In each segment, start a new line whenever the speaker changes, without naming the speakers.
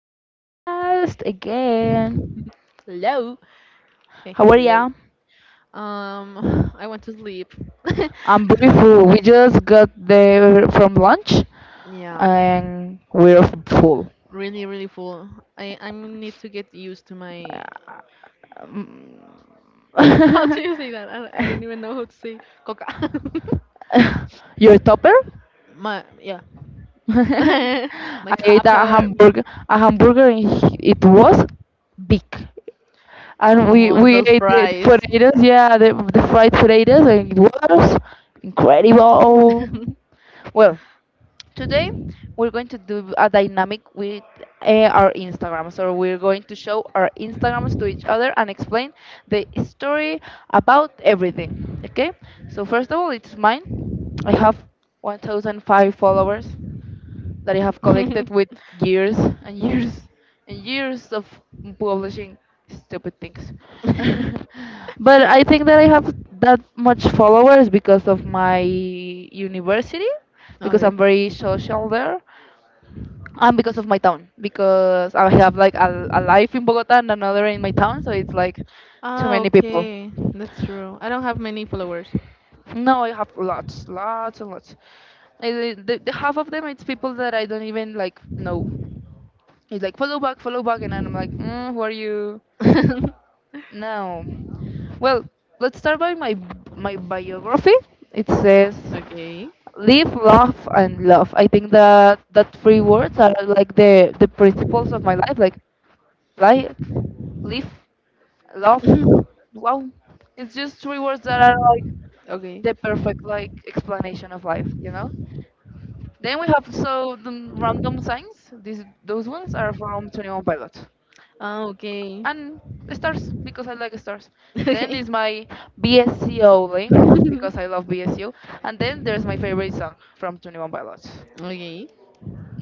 podcast again.
Hello.
How are
Hello.
ya?
I want to sleep.
I'm beautiful. We just got there from lunch
Yeah,
and we're full.
really, really full. I need to get used to my. How do
Mm.
you say that? I don't even know how to say coca.
Your topper?
My, yeah, my
I ate
topper
a hamburger and it was big. And we,
on
we
those
ate the
fries.
potatoes, yeah, the fried potatoes and it was incredible. Well, today, we're going to do a dynamic with our Instagram. So, we're going to show our Instagrams to each other and explain the story about everything. Okay? So, first of all, it's mine. I have 1,005 followers that I have collected with years and years and years of publishing stupid things. But I think that I have that much followers because of my university, because
Okay.
I'm very social there, and because of my town, because I have like a life in Bogota and another in my town, so it's like too
Ah,
many people.
okay. That's true. I don't have many followers.
No, I have lots, lots and lots. I, the half of them it's people that I don't even like know. He's like, follow back, and I'm like, mm, who are you? No. Well, let's start by my biography. It says,
Okay.
live, laugh, and love.
Mhm.
I think that that three words are like the principles of my life. Like, life, live, love. Wow, it's just three words that are like
Okay.
the perfect like explanation of life. Then we have so the random signs. These those ones are from 21 Pilot.
Ah, okay.
And stars because I like stars. Then
Okay.
is my BSCO link because I love BSU, and then there's my favorite song from 21 Pilots.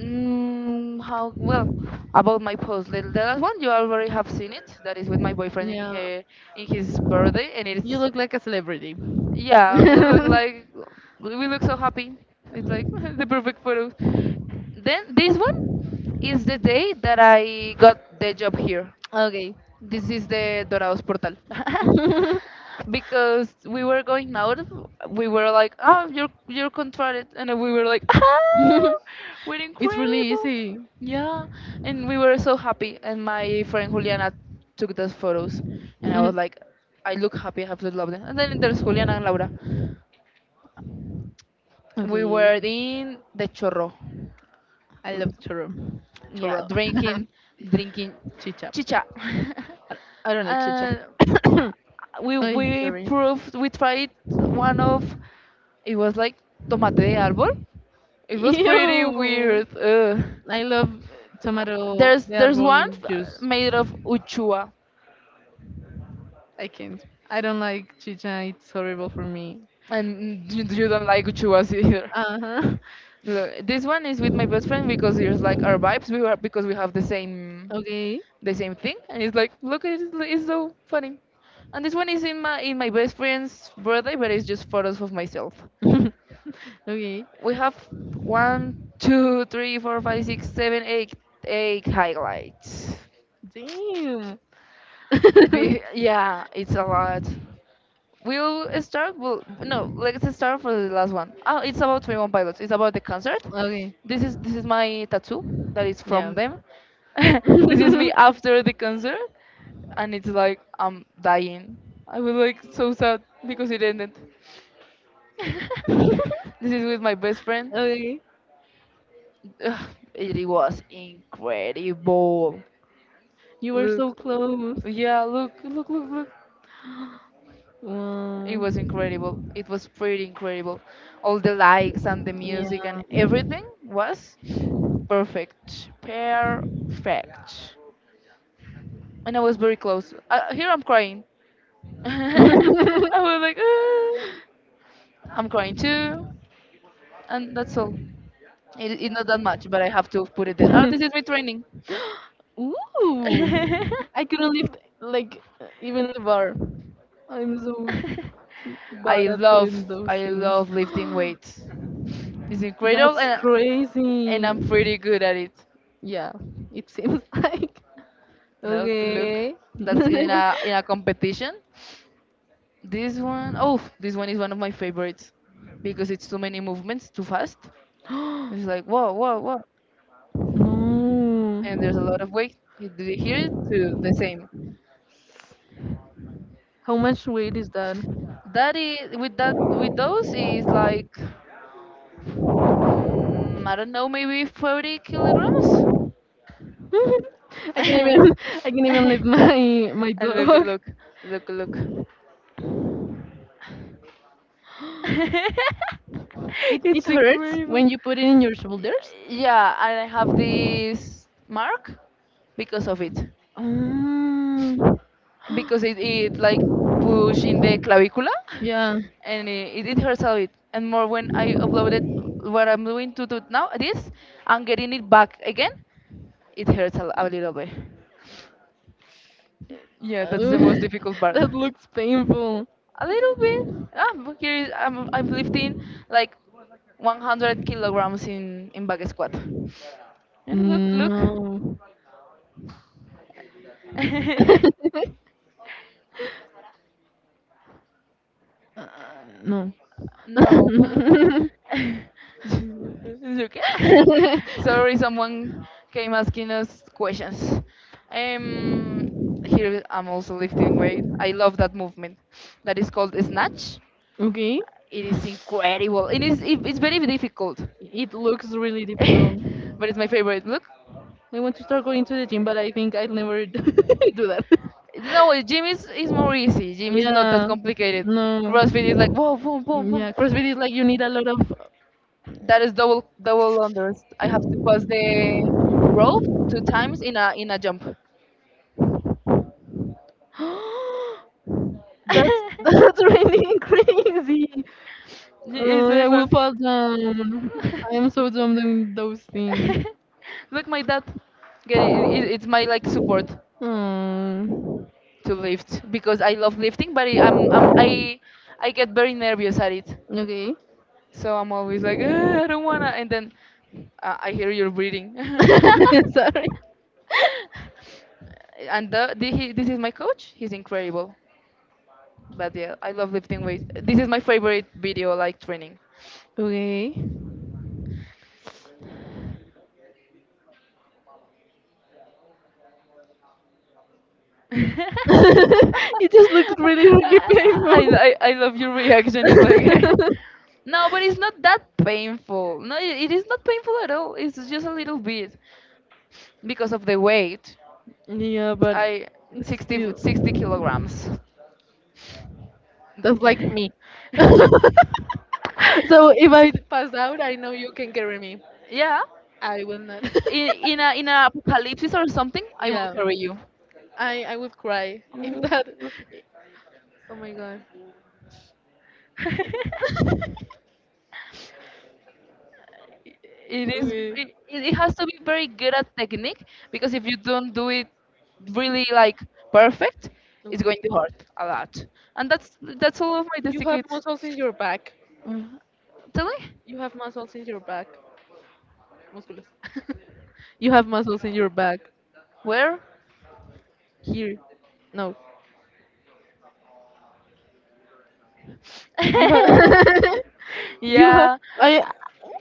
Mm, how well about my post? The last
Okay.
one you already have seen it. That is with my boyfriend in
Yeah.
her in his birthday, and
You
it's
look like a celebrity.
yeah, we look we look so happy. It's like the perfect photo. Then this one is the day that I got the job here.
Okay.
This is the Dorados portal. Because we were going out, we were like, "Oh, you're contracted," and then we were like, "Oh, we're
It's really
incredible!"
easy.
Yeah, and we were so happy. And my friend Juliana took those photos, and I was like, "I look happy. I have to love them." And then there's Juliana and Laura. We
Okay.
were in the chorro,
I love churro.
yeah,
Churro.
drinking
Chicha.
chicha.
I I don't like
uh,
chicha. Oh,
we
sorry.
proved we tried one of it was like tomate de árbol. It was pretty
Ew.
weird. Ugh.
I love tomato, the
There's
arbol
one
juice.
made of uchua,
I can't. I don't like chicha. It's horrible for me.
and you don't like uchuas either.
Uh huh.
Look, this one is with my best friend because it's like our vibes. We were because we have
Okay.
the same thing, and it's like look, it's so funny. And this one is in my best friend's birthday, but it's just photos of myself.
Okay.
We have one, two, three, four, five, six, seven, eight, eight highlights.
Damn.
Yeah, it's a lot. We'll start. Well, no, let's start for the last one. Oh, it's about 21 Pilots. It's about the concert.
Okay.
This is my tattoo that is
Yeah.
from them. This is me after the concert, and it's like I'm dying. I was like so sad because it ended. This is with my best friend.
Okay.
Ugh, it was incredible.
You were
Look,
so close.
yeah, look, look, look, look.
Wow.
It was incredible. It was pretty incredible. All the likes and the music and
Yeah.
everything was perfect. Perfect. And I was very close. Here I'm crying. I was like, "Ah." I'm crying too. And that's all. It's not that much, but I have to put it there. Oh, this is me training.
Ooh, I couldn't lift like even the bar. I'm so
I
bad at
love
doing those
I
things.
love lifting weights. It's incredible
That's
and
crazy.
I'm pretty good at it.
Yeah, it seems like. Yeah.
Look, look,
Okay.
that's in a competition. This one, oh, this one is one of my favorites because it's too many movements, too fast. It's like whoa, whoa, whoa, and there's a lot
No.
of weight. You hear it too, the same.
How much weight is that?
That is with that with those is like mm, I don't know, maybe 40 kilograms.
I can even I can even lift my
And look,
dog.
look, look, look.
It
It's
hurts when
incredible.
you put it in your shoulders.
Yeah, and I have this mark because of it.
Um,
Because it like push in the clavicula
yeah.
and it hurts a bit. And more when I uploaded what I'm doing to do now, this, and getting it back again, it hurts a little bit. Yeah, that's
Oh,
the most difficult part.
that looks painful.
A little bit. I'm curious. I'm lifting like 100 kilograms in back squat. And look, look.
No. No.
No. Is it okay? Sorry, someone came asking us questions. Um, here I'm also lifting weight. I love that movement. That is called snatch.
Okay.
It is incredible. It is. It's very difficult.
It looks really difficult.
But it's my favorite look.
I want to start going to the gym, but I think I'll never do that.
No, is more easy. Gym is not that
Yeah.
complicated.
No.
CrossFit is like whoa, boom, boom, boom.
Yeah, CrossFit is like you need a lot
That is double double unders. I have to pass the rope two times in a jump.
of. That's that's really crazy. Uh,
It's very
I will
fun.
fall down. I am so dumb doing those things.
Look, my dad, get it, it's my like support
Um,
to lift because I love lifting, but I, I'm I get very nervous at it.
okay.
So I'm always like, "Ugh, I don't wanna." And then I hear your breathing.
Breathing. Sorry.
And this is my coach. He's incredible. But yeah, I love lifting weights. This is my favorite video, like training.
Okay.
I,
It just looks really, really painful.
I love your reaction. It's like, no, but it's not that painful. No, it is not painful at all. It's just a little bit because of the weight.
Yeah, yeah, but
I
still,
60 kilograms.
that's like me. So if I pass out, I know you can carry me.
Yeah.
I will not.
In in a apocalypse or something, I will
Yeah.
carry you.
I would cry if that. Oh my god.
it it,
Okay.
it has to be very good at technique because if you don't do it really like perfect it's going
Okay.
to hurt a lot and that's all of my
You have
tickets.
muscles in your back.
Mm. Tell me
You have muscles in your back. Músculos. You have muscles in your back.
where
Here. No. You have. You have.
yeah
I.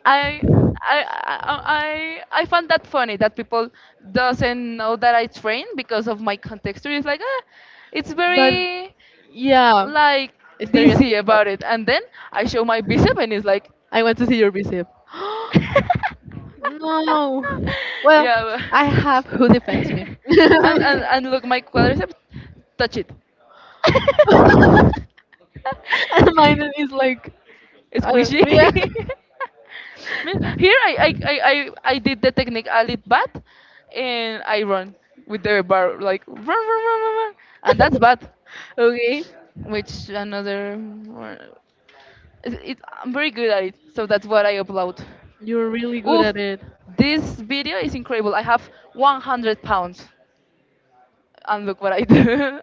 I I find that funny that people doesn't know that I train because of my contexture. It's like ah, it's
But
very
yeah.
like DC
Stereotype.
about it, and then I show my bicep and it's like
I want to see your bicep. No. Well,
yeah, but-
I have who defends me.
and and
And
look my quadriceps, touch it.
mine is like, I don't,
Squishy.
yeah.
Man, here I, I I I I did the technique a little bad, and I run with the bar like run and that's bad.
Okay.
Which another it, I'm very good at it, so that's what I upload.
You're really good
Oof,
at it.
this video is incredible. I have 100 pounds, and look what I do.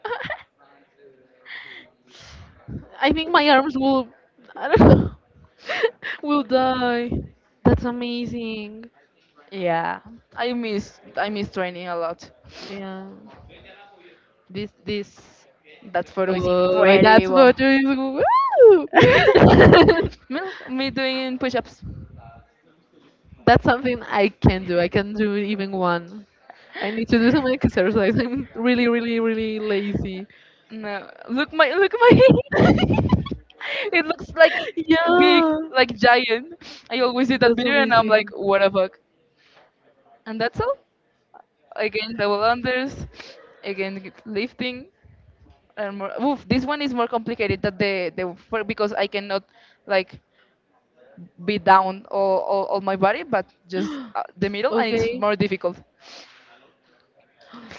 I think my arms will, I don't know, will die. That's amazing.
Yeah, I miss training a lot.
Yeah. This
That photo is
Oh, that's
incredible.
photo is woo!
Milk, me doing push-ups.
That's something I can do. I can do even one. I need to do some exercise. I'm really, really, really lazy.
No, look my look my. It looks like big,
Yeah,
like giant. I always see that
that's
video and I'm like,
amazing.
what the fuck? And that's all. Again, double unders. Again, lifting. And more. Oof, this one is more complicated than the because I cannot like be down all my body, but just the middle, and it's
Okay,
more difficult.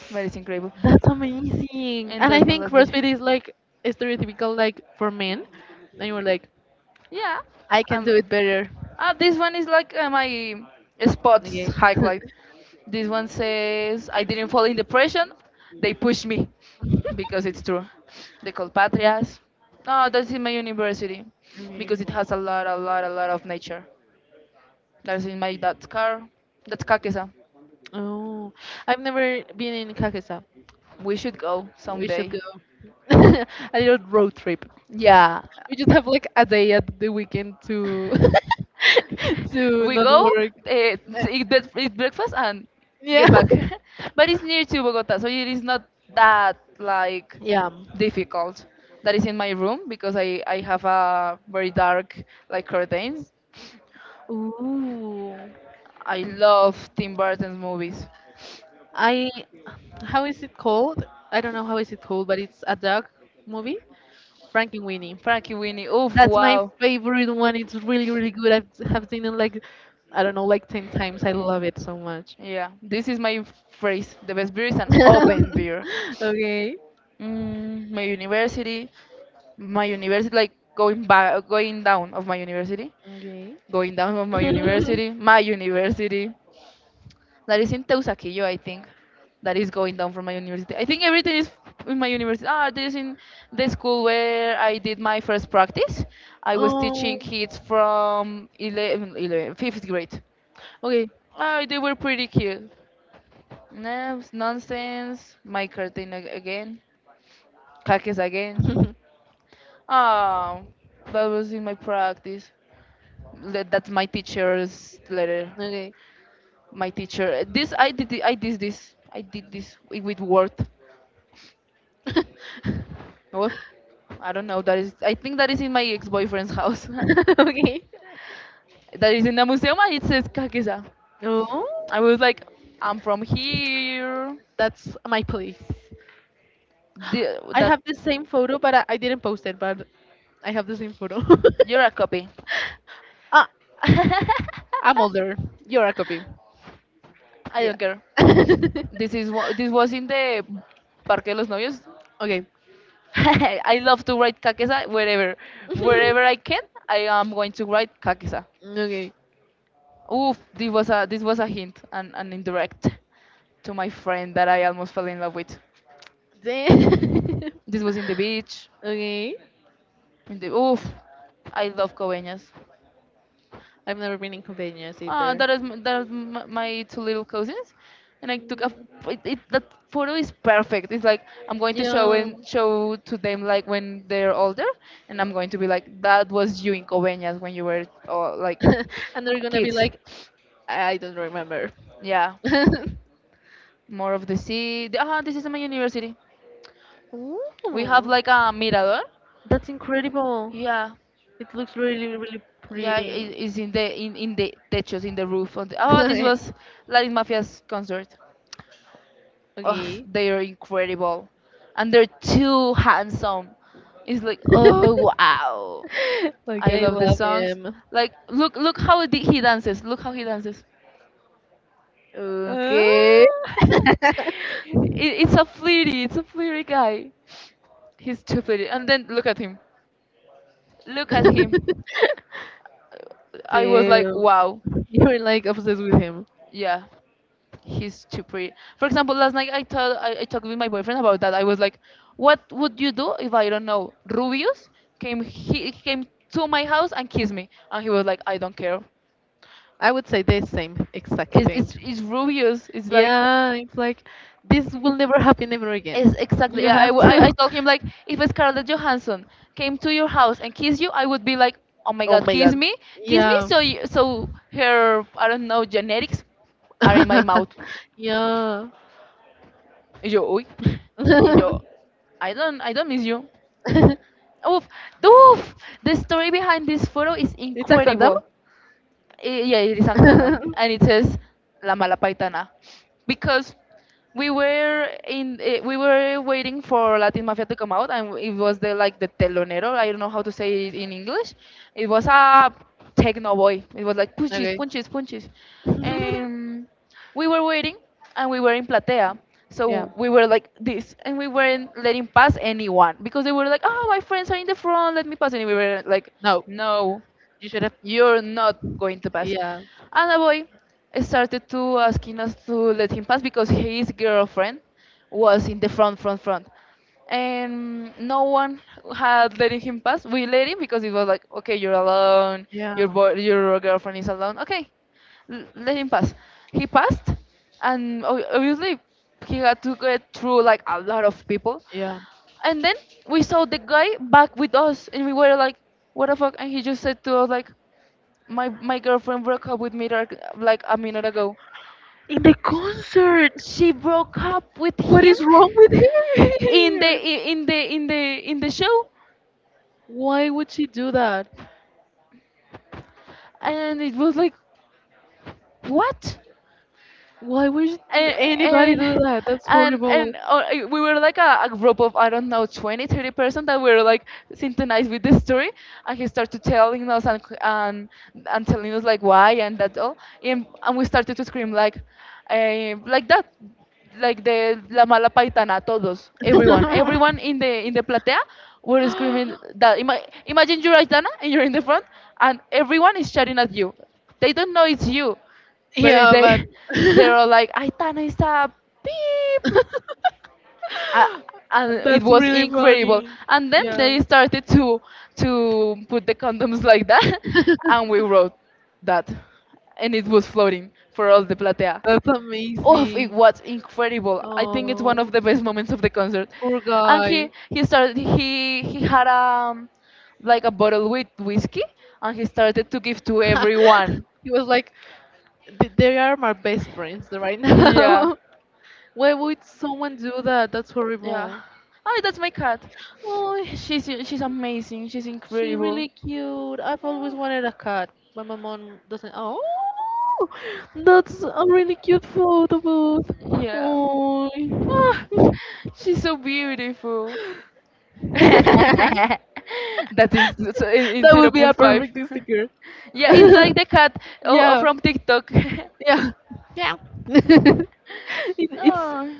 But it's incredible.
that's amazing.
And
And I
that's my
think
last video.
CrossFit is like stereotypical, like for men. And you were like,
Yeah.
I can
Um.
do it better.
Ah, this one is like my spots
Okay.
highlight. This one says, "I didn't fall in depression. They pushed me," because it's true. They call Patrias. No, that's in my university, because it
Mm.
has a lot, a lot, a lot of nature. That's in my dad's car. That's Kakesa.
Oh, I've never been in Kakesa.
We should go
We should
someday.
go a little road trip.
Yeah,
We just have like a day at the weekend to to
we
not
go
work.
uh,
eh, Eh,
eat breakfast and
Yeah.
get back. But it's near to Bogota, so it is not that like
Yeah.
difficult. That is in my room because I have a very dark like curtains.
Ooh.
I love Tim Burton's movies.
I How is it called? I don't know how is it called, but it's a dog movie. Frankenweenie.
Frankie Winnie. Oof,
That's my
wow.
favorite one. It's really, really good. I have seen it like, I don't know, like 10 times. I love it so much.
Yeah, this is my phrase. The best beer is an open beer.
Okay.
Mm, my university, like going back, going down of my university.
Okay.
Going down from my university. That is in Teusaquillo, I think. That is going down from my university. I think everything is in my university. Ah, this is in the school where I did my first practice. I was
Oh.
teaching kids from 11, fifth grade.
Okay.
Ah, they were pretty cute. No, it's nonsense. My curtain again. Cactus again.
Okay.
Ah, that was in my practice. That's my teacher's letter.
Okay. Oh.
My teacher. This I did. I did this. I did this with Word. Oh, I don't know. That is. I think that is in my ex-boyfriend's house. That is in a museum, and it says Kakesa. I was like, I'm from here.
That's my place.
The,
I
that
have the same photo, but I didn't post it. But I have the same photo.
You're a copy.
Ah,
I
I'm older. You're a copy. Yeah.
don't care. This is what this was in the Parque de los Novios.
Okay.
I love to write kakesa wherever, wherever I can. I am going to write kakesa.
Okay.
Oof, this was a hint and an indirect to my friend that I almost fell in love with.
Then-
This was in the beach.
okay.
In the I love Coveñas.
I've never been inconvenienced
Ah,
either.
that is my two little cousins, and I took a that photo is perfect. It's like I'm going to show
Yeah.
and show to them like when they're older, and I'm going to be like that was you in Coveñas when you were like
And they're gonna be
kids.
like, I don't remember.
Yeah, more of the sea. Ah, this is my university.
We
We have like a
Oh,
mirador.
that's incredible.
Yeah,
It looks really, really yeah,
yeah,
pretty.
it's in the techos, in the roof. On the, oh, this was Latin Mafia's concert.
Okay.
Oh,
Because like oh,
they
okay.
are incredible, and they're too handsome. It's like oh wow,
Like
I
I
love the
love
songs.
him.
Like look how the- he dances. Look how he dances.
Uh, Okay.
Oh. It's a flirty guy. He's too flirty. And then look at him, look at him. I was like
Damn.
wow.
You're like obsessed with him.
Yeah, he's too pretty. For example, last night I talked with my boyfriend about that. I was like, "What would you do if I don't know Rubius came to my house and kissed me?" And he was like, "I don't care.
I would say the same exact thing.
It's Rubius. It's like
Yeah, it's like this will never happen ever again.
it's exactly."
You
Yeah, I,
have
w- I I
to.
told him like if Scarlett Johansson came to your house and kissed you, I would be like, "Oh my
Oh about
God,
my
kiss
god. Excuse.
me, kiss me."
Yeah.
So you, so her I don't know genetics are in my mouth.
Yeah.
Y yo, uy. Y yo, I don't miss you. Uf, uf. The story behind this photo is
It's a condom?
incredible. I- yeah, it is uncommon, and it says La Mala Paitana, because we were in eh, we were waiting for Latin Mafia to come out, and it was the like the telonero. I don't know how to say it in English. It was a techno boy. It was like punches,
Okay.
punches, punches. Um, we were waiting, and we were in Platea.
Yeah.
So we were like this, and we weren't letting pass anyone because they were like, "Oh, my friends are in the front, let me pass." And we were like,
No.
"No,
You should have.
you're not going to pass."
Yeah.
And a boy started to asking us to let him pass because his girlfriend was in the front, front, front. And no one had letting him pass. We let him because it was like, okay, you're alone.
Yeah.
Your boy, your girlfriend is alone. Okay, let him pass. He passed, and obviously he had to get through like a lot of people.
Yeah.
And then we saw the guy back with us, and we were like, "What the fuck?" And he just said to us like, my girlfriend broke up with me like a minute ago.
In the concert!
She broke up with
What
him
is wrong with
in the
her?
show,
Why would she do that?
and it was like, what? And
Anybody
and
do that? That's
and
horrible.
We were like a group of I don't know 20 30 person that were like synchronized with the story, and he started telling us and telling us like why and that all, and we started to scream like that, like the la mala paitana todos, everyone, everyone in the platea were screaming that. Imagine you're Aitana and you're in the front, and everyone is shouting at you. They don't know it's you, but if
Yeah, but
they they were like Aitana is a beep, uh, and it
that's
was
really
incredible,
funny.
and then
Yeah,
they started to put the condoms like that and we wrote that, and it was floating for all the platea.
that's
Oh, it
amazing.
was incredible. I think it's one of
Oh,
the best moments of the concert.
poor
And he
guy.
he started he had like a bottle with whiskey, and he started to give to everyone.
He was like, "They are my best friends right
Yeah.
now." Why would someone do that? That's
Yeah.
horrible.
Oh, that's my cat.
Oh,
She's amazing. She's
she's
incredible.
really cute. I've always wanted a cat, but my mom doesn't. Oh, that's a really cute photo booth.
Yeah.
Oh,
Ah,
ah,
she's so beautiful.
yeah, that's a good really
That is so in
that
zero point
would be a
0.5.
perfect sticker.
Yeah, it's like the cat oh, oh,
Yeah,
from TikTok.
yeah, yeah. it, it's
Oh,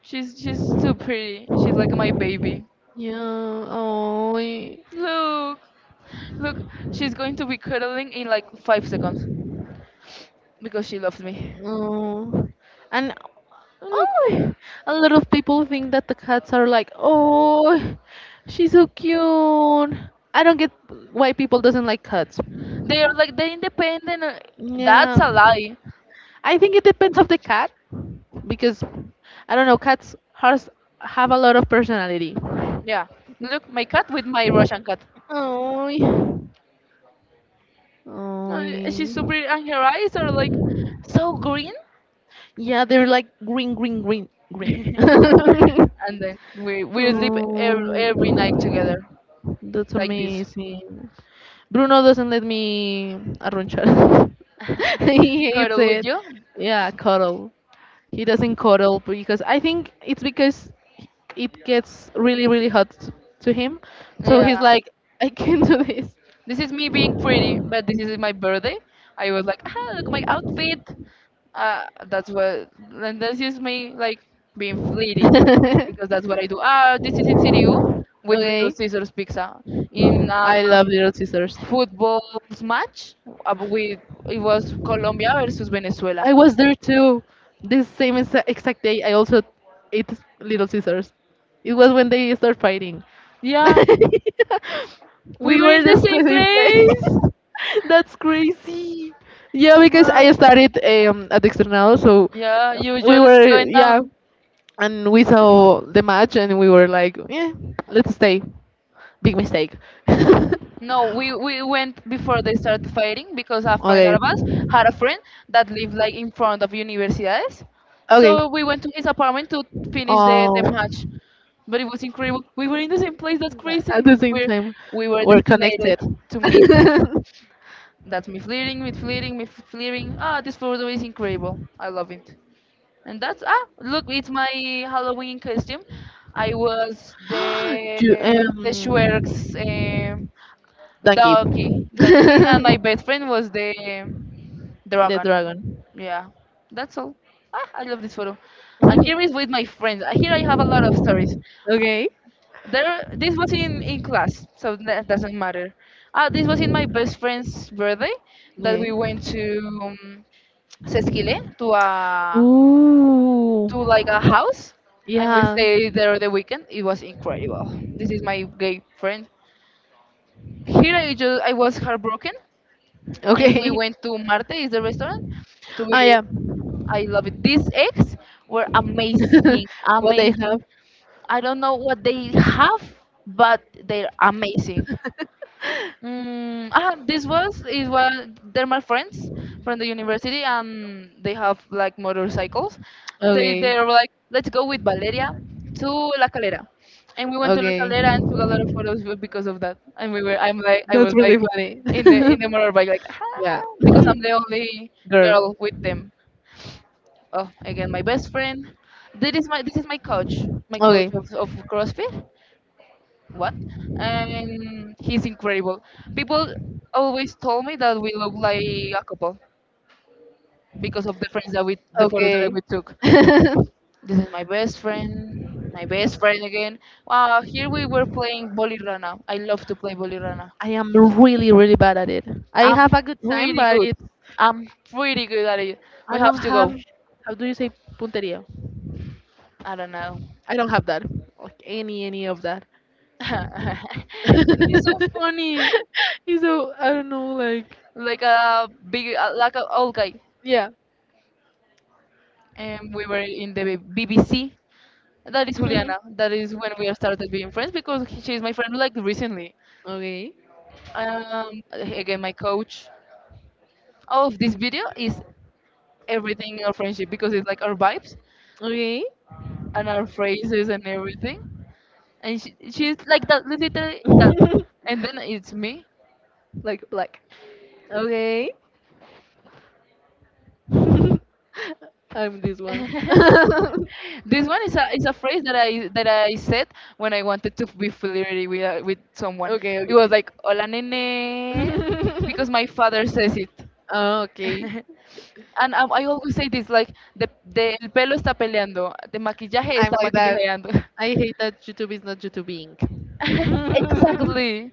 she's so pretty. She's like my baby.
yeah. Yeah. Oh,
Look, look, she's going to be cuddling in like 5 seconds because she loves me.
oh, and
Look.
oh, a lot of people think that the cats are like, oh, she's so cute. I don't get why people doesn't like cats.
They are like the independent. That's
Yeah,
a lie.
I think it depends of the cat because I don't know, cats have a lot of personality.
Yeah. Look, my cat with my Russian cat.
Oh,
No, she's
oh.
super, and her eyes are like so green.
Yeah, they're like green, green, green, green.
And then we sleep every night together,
Oh, that's
like this.
amazing. Bruno doesn't let me arrunchar. He hates
Cuddle with
it.
you.
Yeah, cuddle. He doesn't cuddle because I think it's because it gets really, really hot to him. So he's
Yeah.
like, I can't do this.
This is me being pretty, but this is my birthday. I was like, ah, look my outfit. That's what, and this is me like being flirty, because that's what I do. Ah, this is in CDU with Little
Okay.
Caesars Pizza in
Yeah,
a
I love Little Scissors.
football match with it was Colombia versus Venezuela.
I was there too. This same exact day, I also ate Little Scissors. It was when they start fighting.
Yeah, we
We
were in
were
the
just the
same
same place.
place.
That's crazy. Yeah, because I
Well,
started at Externado, so
yeah, you
we
just
were
going
yeah,
down.
and we saw the match, and we were like, yeah, let's stay. Big mistake.
No, we went before they started fighting because a friend
Okay.
of us had a friend that lived like in front of universidades.
Okay.
So we went to his apartment to finish the
Oh,
match. But it was incredible. We were in the same place, that's
but at
crazy.
the same time,
We were
we're
designated
connected.
to meet.
you,
That's me fleering, me fleering, me fleering. Ah, this photo is incredible. I love it. And that's ah look, it's my Halloween costume. I was the
um,
the Schwerk's
thank
Donkey,
you.
donkey, and my best friend was the
The
dragon.
dragon.
Yeah, that's all. Ah, I love this photo. And here is with my friends. Here I have a lot of stories.
Okay.
There, this was in class, so that doesn't matter. Ah, this was in my best friend's birthday that we
Okay.
went to Sesquile to a
Ooh.
to like a house, and we
Yeah.
stayed there the weekend. It was incredible. This is my gay friend. Here I was heartbroken, and we
Okay.
went to Marte, is the restaurant, to
Ah,
eat.
yeah.
I love it. These eggs were amazing,
Amazing.
amazing.
Have?
I don't know what they have, but they're amazing. Mm, ah, this was is what they're my friends from the university, and they have like motorcycles. They were like, let's go with Valeria to La Calera, and we went to La Calera and took a lot of photos because of that. And we were, I was
Really
like,
funny.
in the in
With.
the motorbike, like ah,
Yeah.
because I'm the only girl with them. Oh, again, my best friend. This is my coach, my coach of CrossFit. What? And he's incredible. People always told me that we look like a couple because of the friends that we the photos that
With.
we took. This is my best friend again. Wow, here we were playing Bolirana. I love to play Bolirana.
I am really, really bad at it. I Ah,
I'm
have a good time,
pretty
but
good.
it's
I'm pretty good at it.
I
We have
don't
to
have
go.
how do you say punteria?
I don't know.
I don't have that. Like any of that.
He's so funny,
It's so I don't know like
like a big, like an old guy.
yeah.
And we were in the BBC. That is
Mhm.
Juliana. That is when we started being friends because she is my friend like recently.
Okay.
Um, again, my coach. All of this video is everything in our friendship because it's like our vibes
Okay.
and our phrases and everything. And she's like that literally that, and then it's me.
Like black. Okay. I'm this one.
This one is a phrase that I said when I wanted to be flirty with someone.
Okay,
It was
okay.
like hola nene,
Because
because my father says it.
oh, okay.
And I always say this like the el pelo está peleando, the maquillaje
I'm
está
like that.
maquillajeando.
I hate that YouTube is not YouTubing.
Exactly.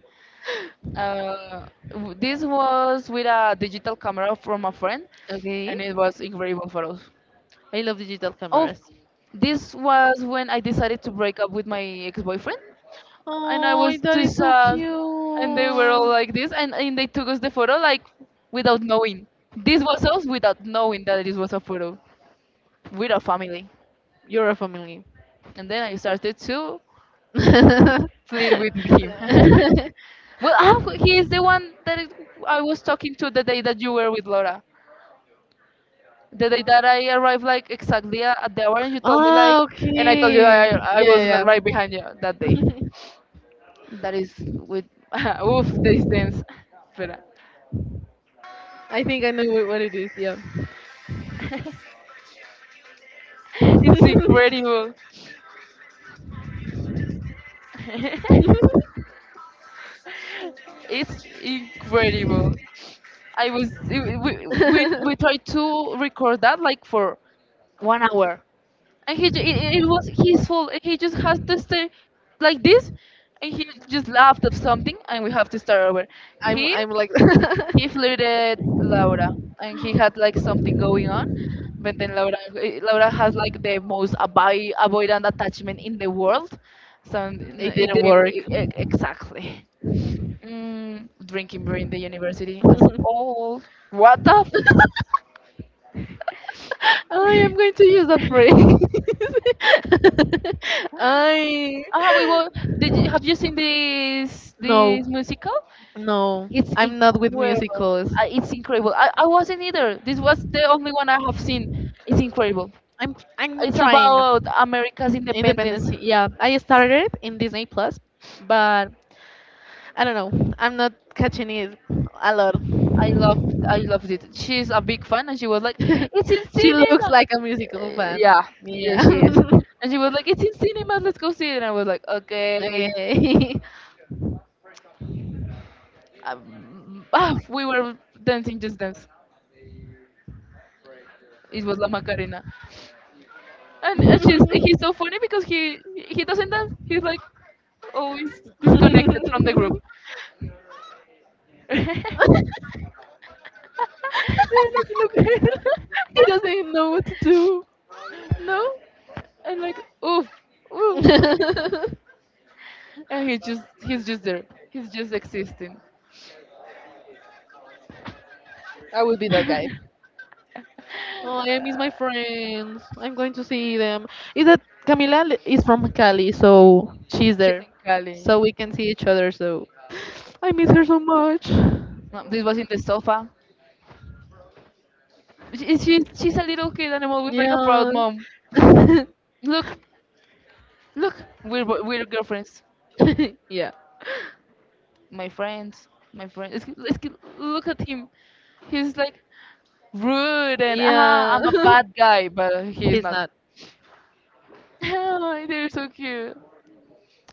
Uh, this was with a digital camera from a friend, and
Okay.
it was incredible photos.
I love digital oh,
Oh,
cameras. And
this was when I decided to break up with my ex-boyfriend,
I was
and I
oh, was
was
that
too
is so
sad, and they were all like
cute.
this, and they took us the photo like without knowing. This was us without knowing that this was a photo with our family,
You're a family.
and then I started to
The
flirt with him.
day
Well, ah, he is the one that I was talking to the day that you were with Laura, the day that I arrived, like exactly at the hour, and you told me like,
ah, like, and
and I told you
okay. I
I was
Yeah, was
right
yeah,
behind you that day.
yeah.
That is with oof this dance, Espera.
I think I know what it is. Yeah.
It's incredible. It's incredible. I was we, we tried to record that like for 1 hour, and he ju- it was his fault, and he just has to stay like this, and he just laughed of something, and we have to start over. he
Like he
he flirted Laura, and he had like something going on, but then Laura, Laura has like the most avoidant attachment in the world, so it didn't exactly. Mm, drinking beer in the university as old what the
oh, I
f-
am going to use that phrase. I
Ah, we were. Did you, have you seen this
no
this musical?
no
It's
I'm not
incredible.
musicals.
It's incredible. I wasn't either. This was the only one I have seen. It's incredible.
I'm
It's about America's independence.
Independency. Yeah, I started in Disney Plus, but I don't know. I'm not catching it a lot.
I loved it. She's a big fan, and she was like, "It's in
She looks
cinema."
like a musical fan.
Yeah, yeah,
Yeah.
she is. And she was like, "It's in cinema. Let's go see it." And I was like, "Okay."
Okay.
We were dancing, just dance. It was La Macarena. And it's just he's so funny because he doesn't dance. He's like always disconnected from the group. Look, look.
He doesn't know what to do.
No, and like oof, oof, and he's just there. He's just existing.
I would be that guy. Oh, I miss my friends. I'm going to see them. Is that Camila is from Cali, so she's there.
Gali,
So we can see each other. So I miss her so much.
Mom, this was in the sofa. She's a little kid animal with like a proud
Yeah.
mom. Look, look, we're girlfriends.
Yeah.
My friends, my friends. Look at him. He's like rude and I'm a
Yeah.
bad guy, but he's
He's
not.
not.
Oh, they're so cute.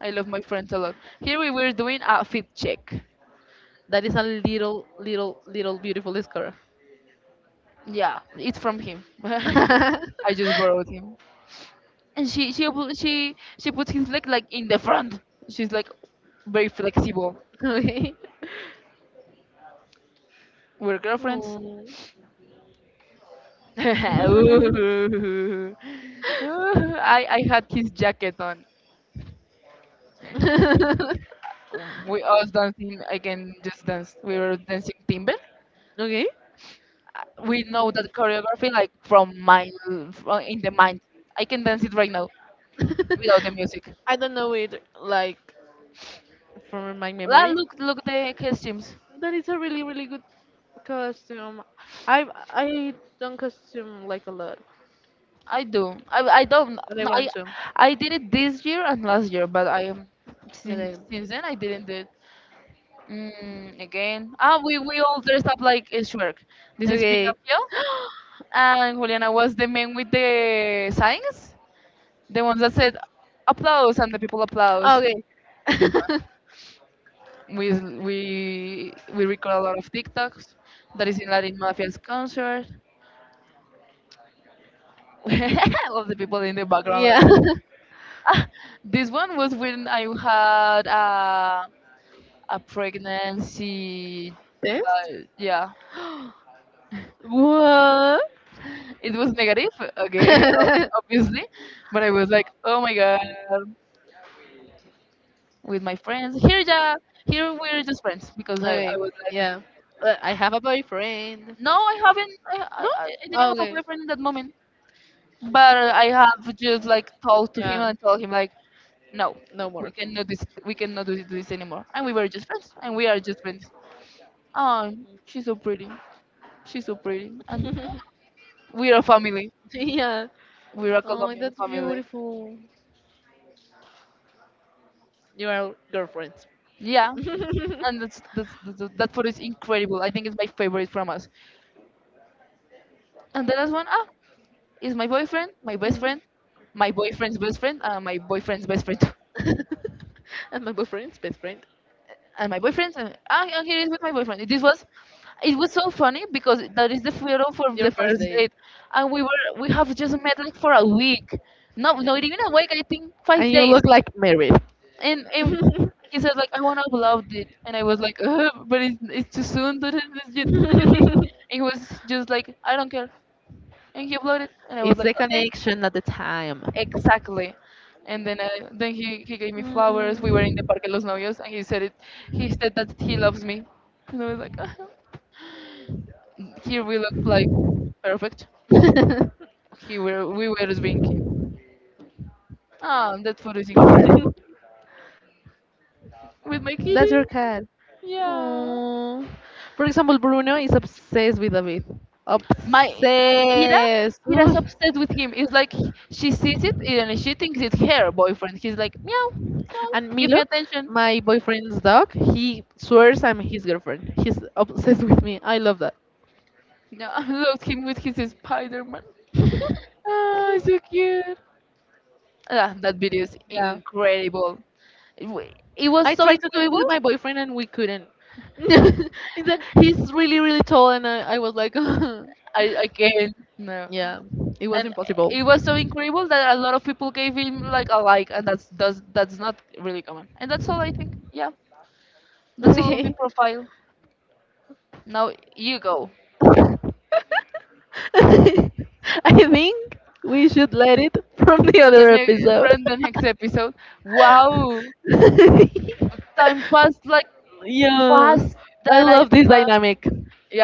I love my friends a lot. Here we were doing a fit check.
That is a little, little, little beautiful scar.
Yeah, it's from him. I just borrowed him. And she pu- she puts his leg like in the front. She's like very flexible.
Okay.
We're girlfriends.
Oh.
Ooh. Ooh. I had his jacket on. We us dancing again, just dance, we were dancing timber.
Okay.
We know that choreography like from my, from in the mind, I can dance it right now without
without
the music.
I don't know it like from my memory.
Look, look the costumes.
That is a really really good costume. I don't costume like a lot,
I don't,
but I
no,
want to.
I did it this year and last year, but I
And
since then I didn't do it. Again, we all dressed up like a shark. This is
okay.
Pinocchio and Juliana was the man with the signs. The ones that said applause and the people applause.
Okay.
This one. We record a lot of TikToks. That is in Latin Mafia's concert. All the people in the background like
Yeah.
ah, this one was when I had a pregnancy.
This?
Yeah, it was negative. Okay, obviously, but I was like, oh my god, with my friends. Here, yeah, here we're
What?
just friends because I was like,
Yeah.
"Ugh."
I have a boyfriend.
No, I haven't. I didn't have a boyfriend in that moment, but I have just like talked to him and told him like, no, we cannot this. We cannot do this anymore. And we were just friends, and we are just friends. Oh, she's so pretty. She's so pretty, and we are a family.
Yeah.
We are a Colombian family.
Beautiful. You are girlfriends.
Yeah, and that's that photo is incredible. I think it's my favorite from us. And the last one, is my boyfriend, my best friend, my boyfriend's best friend.
And my boyfriend's best friend.
And my boyfriend's and ah, yeah, here is with my boyfriend. This was, it was so funny because that is the photo from the first date, and we have just met like for a week, no, not even a week. I think 5 days,
Look like married.
and he said like I want to upload it, and I was like, Ugh, but it's too soon. And he was just like I don't care, and he uploaded, and I was
It's
like
the
okay.
connection at the time.
Exactly. And then I, then he gave me flowers. We were in the
Mm.
Parque Los Novios, and he said it. He said that he loves me. And I was like, here we look like perfect. He were we were drinking. Ah, that photo is incredible. With my
That's
kitty.
your cat.
Yeah.
Aw. For example, Bruno is obsessed with David.
My Kira,
Obsessed.
Kira's
Ugh.
obsessed with him. It's like she sees it and she thinks it's her boyfriend. He's like, meow, meow,
And
give me
Milo,
attention.
my boyfriend's dog, he swears I'm his girlfriend. He's obsessed with me. I love that.
No, I love him with his Spider-Man. Oh, so cute. Ah, that video is incredible. It, wa- it was
I
so
tried to do it with
incredible.
my boyfriend and we couldn't. He's really, really tall, and I was like,
I can't, no.
yeah, it was
And
impossible.
it was so incredible that a lot of people gave him like a like, and that's not really common. And that's all I think. Yeah, that's all of my
Okay.
profile. Now you go
I think we should let it from the
for the
other
next, for
episode.
the next episode. Wow, time passed like
Yeah,
fast
I
that I
love this
thought.
dynamic.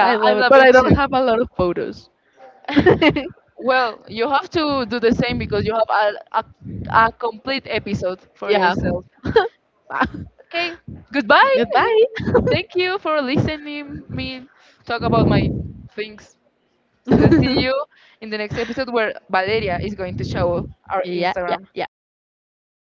I
I
love it,
love
but
it
I
too.
don't have a lot of photos.
Well, you have to do the same because you have a complete episode for
Yeah.
yourself. Okay, goodbye.
Goodbye.
Thank you for listening me talk about my things. Let's see you in the next episode where Valeria is going to show our
Yeah, yeah,
Instagram.
yeah.